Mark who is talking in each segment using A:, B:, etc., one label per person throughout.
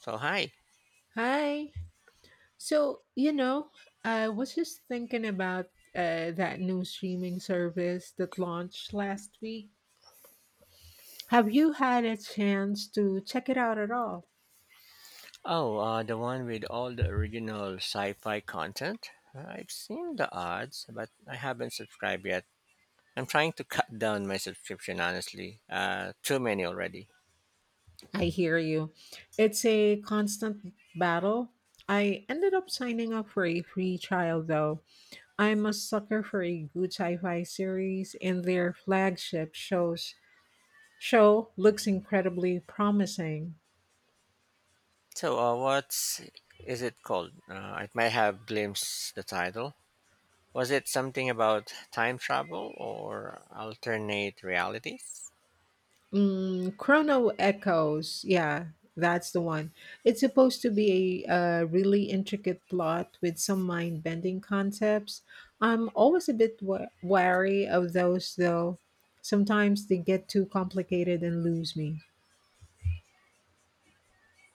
A: So hi.
B: Hi. So, you know, I was just thinking about that new streaming service that launched last week. Have you had a chance to check it out at all?
A: Oh, the one with all the original sci-fi content. I've seen the ads, but I haven't subscribed yet. I'm trying to cut down my subscription, honestly. Too many already.
B: I hear you. It's a constant battle. I ended up signing up for a free trial though. I'm a sucker for a good sci-fi series, and their flagship show looks incredibly promising.
A: So, what's is it called? I might have glimpsed the title. Was it something about time travel or alternate realities?
B: Mm, Chrono Echoes. Yeah, that's the one. It's supposed to be a really intricate plot with some mind bending concepts. I'm always a bit wary of those, though. Sometimes they get too complicated and lose me.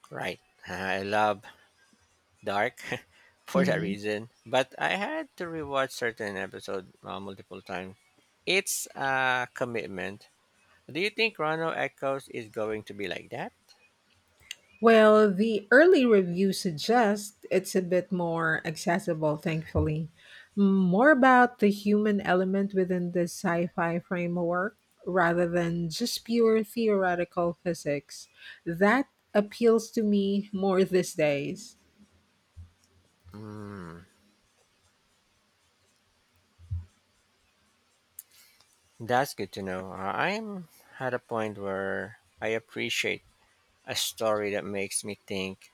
A: Right. I love dark for that
B: Mm-hmm.
A: reason. But I had to rewatch certain episode multiple times. It's a commitment. Do you think Chrono Echoes is going to be like that?
B: Well, the early reviews suggest it's a bit more accessible, thankfully. More about the human element within the sci fi framework rather than just pure theoretical physics. That appeals to me more these days.
A: Mm, that's good to know. I'm at a point where I appreciate a story that makes me think,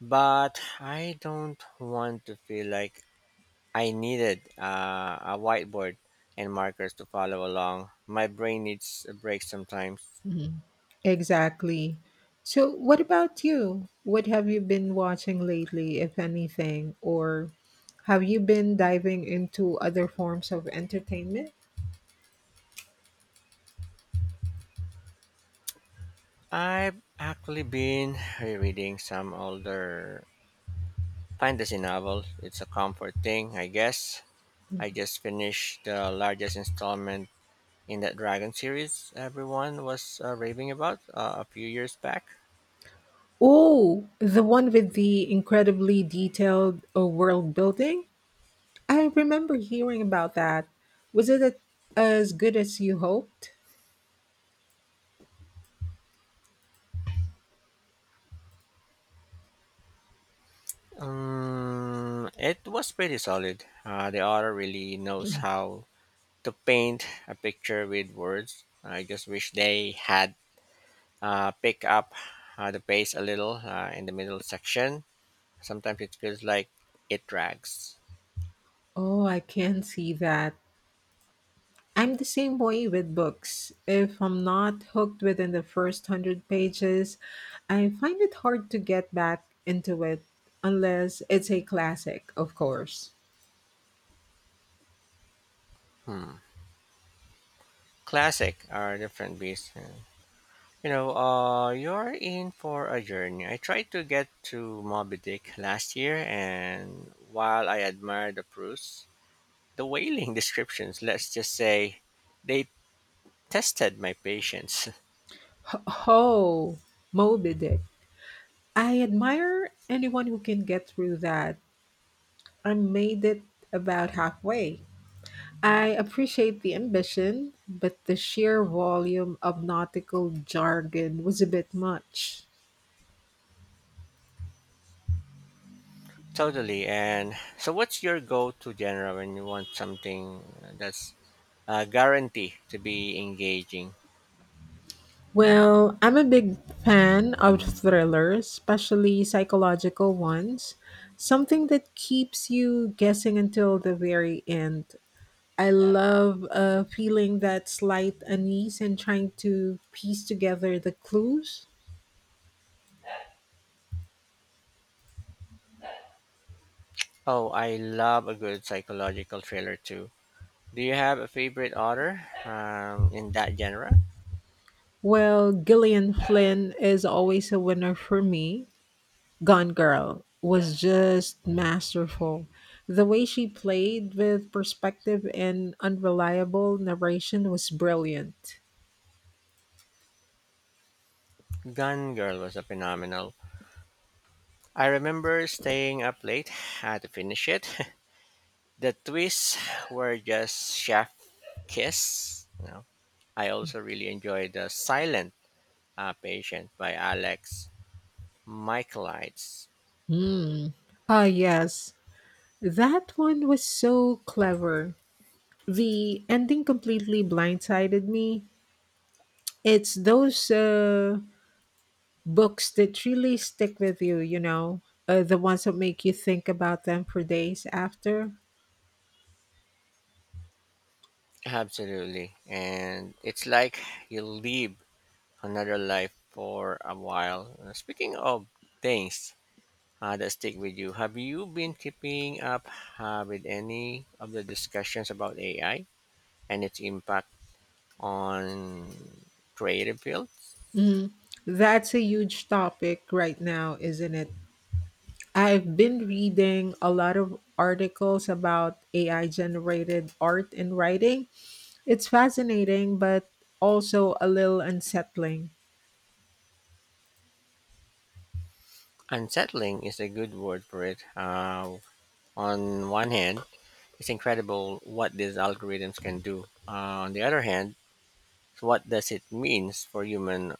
A: but I don't want to feel like I needed a whiteboard and markers to follow along. My brain needs a break sometimes.
B: Mhm. Exactly. So, what about you? What have you been watching lately, if anything? Or have you been diving into other forms of entertainment?
A: I've actually been rereading some older fantasy novels. It's a comfort thing, I guess. I just finished the largest installment in that Dragon series everyone was raving about a few years back.
B: Oh, the one with the incredibly detailed world building? I remember hearing about that. Was it as good as you hoped?
A: It was pretty solid. The author really knows how to paint a picture with words. I just wish they had picked up the pace a little in the middle section. Sometimes it feels like it drags.
B: Oh, I can see that. I'm the same way with books. If I'm not hooked within the first hundred pages, I find it hard to get back into it, unless it's a classic, of course.
A: Hmm. Classic are a different beast, yeah. You know, you're in for a journey. I tried to get to Moby Dick last year, and while I admire the prose, the whaling descriptions, let's just say, they tested my patience.
B: Oh, Moby Dick. I admire anyone who can get through that. I made it about halfway. I appreciate the ambition, but the sheer volume of nautical jargon was a bit much.
A: Totally. And so, what's your go-to genre when you want something that's guaranteed to be engaging?
B: Well, I'm a big fan of thrillers, especially psychological ones. Something that keeps you guessing until the very end. I love feeling that slight unease and trying to piece together the clues.
A: Oh, I love a good psychological thriller too. Do you have a favorite author in that genre?
B: Well, Gillian Flynn is always a winner for me. Gone Girl was just masterful. The way she played with perspective and unreliable narration was brilliant.
A: Gun Girl was a phenomenal. I remember staying up late to finish it. The twists were just chef kiss. You know, I also really enjoyed the Silent Patient by Alex Michaelides.
B: Hmm. Ah, yes. That one was so clever. The ending completely blindsided me. It's those books that really stick with you, you know, the ones that make you think about them for days after.
A: Absolutely, and it's like you live another life for a while. Speaking of things that stick with you. Have you been keeping up with any of the discussions about AI and its impact on creative fields?
B: Mm, that's a huge topic right now, isn't it? I've been reading a lot of articles about AI generated art and writing. It's fascinating, but also a little unsettling.
A: Unsettling is a good word for it. On one hand, it's incredible what these algorithms can do. On the other hand, what does it means for human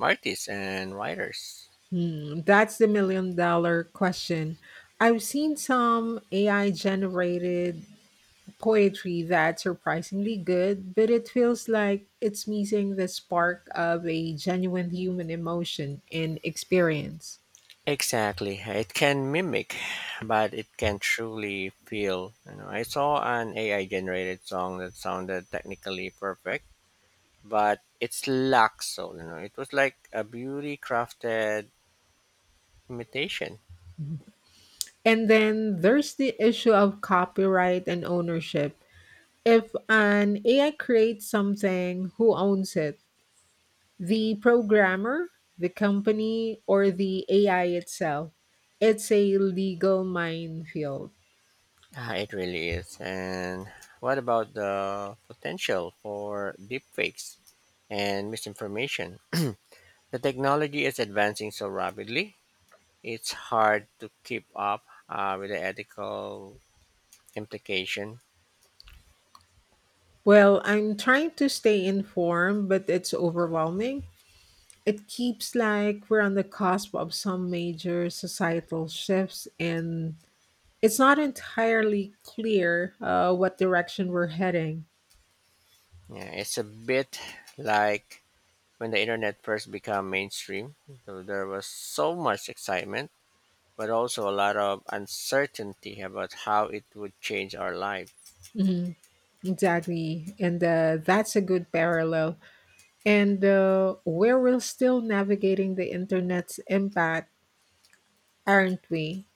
A: artists and writers?
B: Hmm, that's the million-dollar question. I've seen some AI generated poetry that's surprisingly good, but it feels like it's missing the spark of a genuine human emotion and experience.
A: Exactly. It can mimic, but it can truly feel. You know, I saw an AI generated song that sounded technically perfect, but it's lacked soul. You know, it was like a beauty crafted imitation.
B: And then there's the issue of copyright and ownership. If an AI creates something, who owns it? The programmer, the company, or the AI itself? It's a legal minefield.
A: Ah, it really is. And what about the potential for deepfakes and misinformation? The technology is advancing so rapidly; it's hard to keep up with the ethical implication.
B: Well, I'm trying to stay informed, but it's overwhelming. It keeps like we're on the cusp of some major societal shifts, and it's not entirely clear what direction we're heading.
A: Yeah, it's a bit like when the internet first became mainstream. So there was so much excitement, but also a lot of uncertainty about how it would change our life.
B: Mhm. Exactly, and that's a good parallel. And where we're still navigating the internet's impact, aren't we?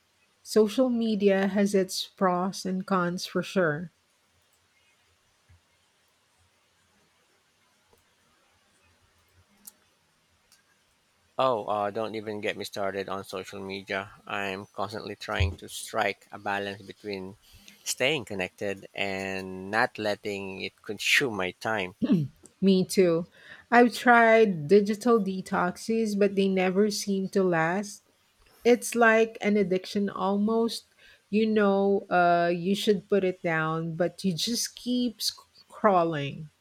B: Social media has its pros and cons for sure.
A: Oh, don't even get me started on social media. I'm constantly trying to strike a balance between staying connected and not letting it consume my time.
B: Me too. I've tried digital detoxes, but they never seem to last. It's like an addiction almost. You know, you should put it down, but you just keep crawling.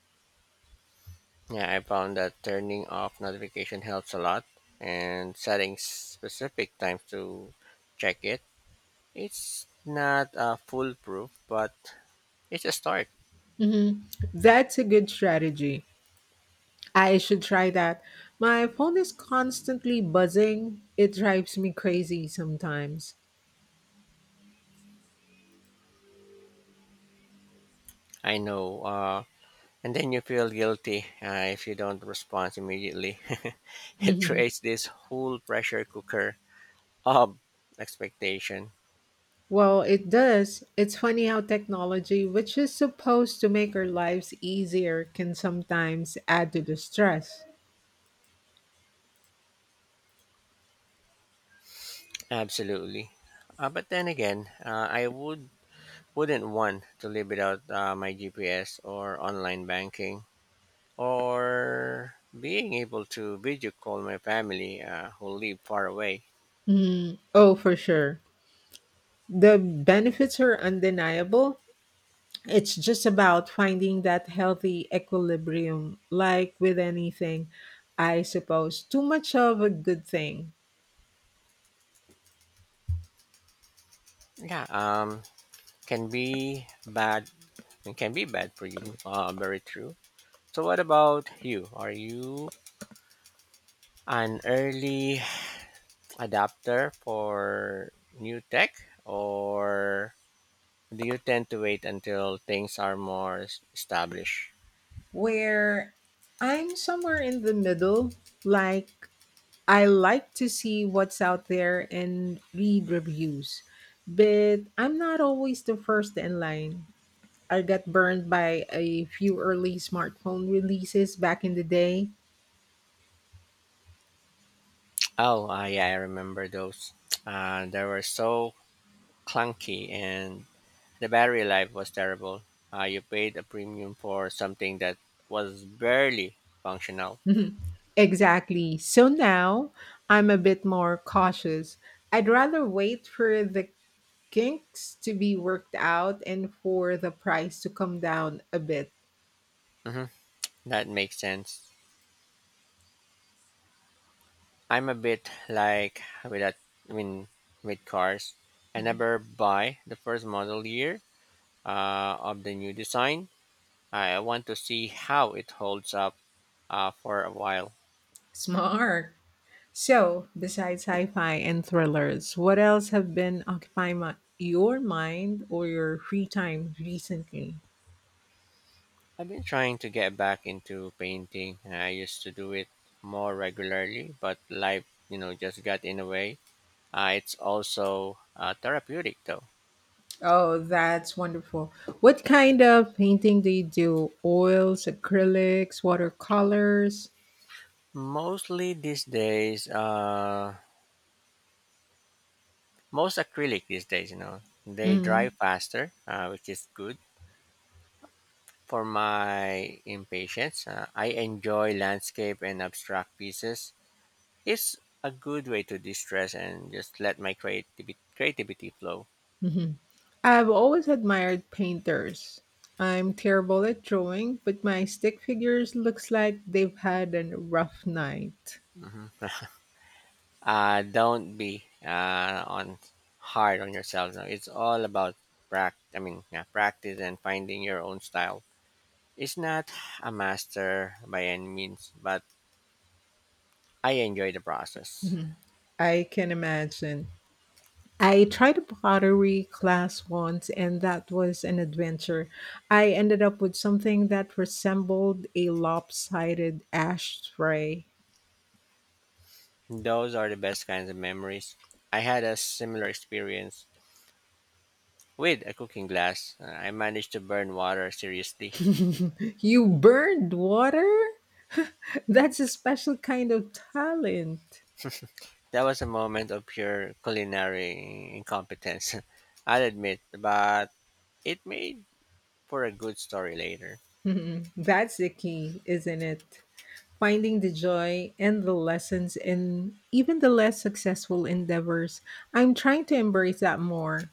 A: Yeah, I found that turning off notification helps a lot and setting specific times to check it. It's not foolproof, but it's a start.
B: Hmm. That's a good strategy. I should try that. My phone is constantly buzzing. It drives me crazy sometimes.
A: I know. And then you feel guilty if you don't respond immediately. It creates this whole pressure cooker of expectation.
B: Well, it does. It's funny how technology, which is supposed to make our lives easier, can sometimes add to the stress.
A: Absolutely. But then again, I would wouldn't want to live without my GPS or online banking or being able to video call my family who live far away.
B: Mm, oh, for sure. The benefits are undeniable. It's just about finding that healthy equilibrium, like with anything, I suppose. Too much of a good thing.
A: Yeah, can be bad. It can be bad for you. Very true. So, what about you? Are you an early adapter for new tech, or do you tend to wait until things are more established?
B: Where I'm somewhere in the middle. Like, I like to see what's out there and read reviews, but I'm not always the first in line. I got burned by a few early smartphone releases back in the day.
A: Oh, yeah, I remember those. They were so clunky, and the battery life was terrible. You paid a premium for something that was barely functional.
B: Exactly. So now I'm a bit more cautious. I'd rather wait for the kinks to be worked out and for the price to come down a bit.
A: Hmm. That makes sense. I'm a bit like with that I mean with cars. I never buy the first model year of the new design. I want to see how it holds up for a while.
B: Smart. So, besides sci fi and thrillers, what else have been occupying my, your mind or your free time recently?
A: I've been trying to get back into painting. I used to do it more regularly, but life, you know, just got in the way. It's also therapeutic though.
B: Oh, that's wonderful. What kind of painting do you do? Oils, acrylics, watercolors?
A: Mostly these days, most acrylic these days, you know, they dry
B: Mm-hmm.
A: faster, which is good for my impatience. I enjoy landscape and abstract pieces. It's a good way to distress and just let my creativity flow.
B: Mhm. I've always admired painters. I'm terrible at drawing, but my stick figures looks like they've had a rough night.
A: Hmm. Don't be on hard on yourself. No, it's all about yeah, practice and finding your own style. It's not a master by any means, but I enjoy the process.
B: Mhm. I can imagine. I tried a pottery class once, and that was an adventure. I ended up with something that resembled a lopsided ashtray.
A: Those are the best kinds of memories. I had a similar experience with a cooking glass. I managed to burn water seriously.
B: You burned water? That's a special kind of talent.
A: That was a moment of pure culinary incompetence, I'll admit, but it made for a good story later.
B: Mhm. That's the key, isn't it? Finding the joy and the lessons in even the less successful endeavors. I'm trying to embrace that more.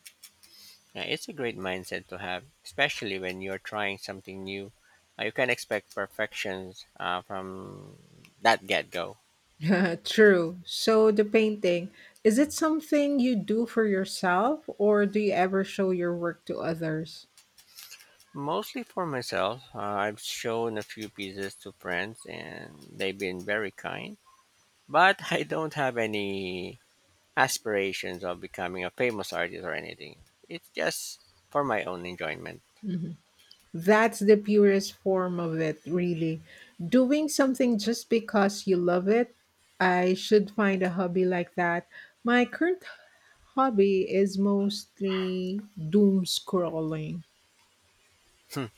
A: It's a great mindset to have, especially when you're trying something new. You can expect perfections from that get go.
B: True. So the painting, is it something you do for yourself or do you ever show your work to others?
A: Mostly for myself. I've shown a few pieces to friends and they've been very kind, but I don't have any aspirations of becoming a famous artist or anything. It's just for my own enjoyment.
B: Mm-hmm. That's the purest form of it, really. Doing something just because you love it. I should find a hobby like that. My current hobby is mostly doom scrolling.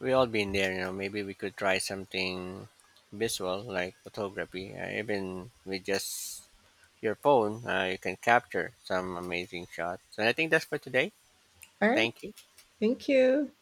A: We all been there, you know. Maybe we could try something visual like photography. Even with just your phone, you can capture some amazing shots. And I think that's for today.
B: All right,
A: Thank you.
B: thank you.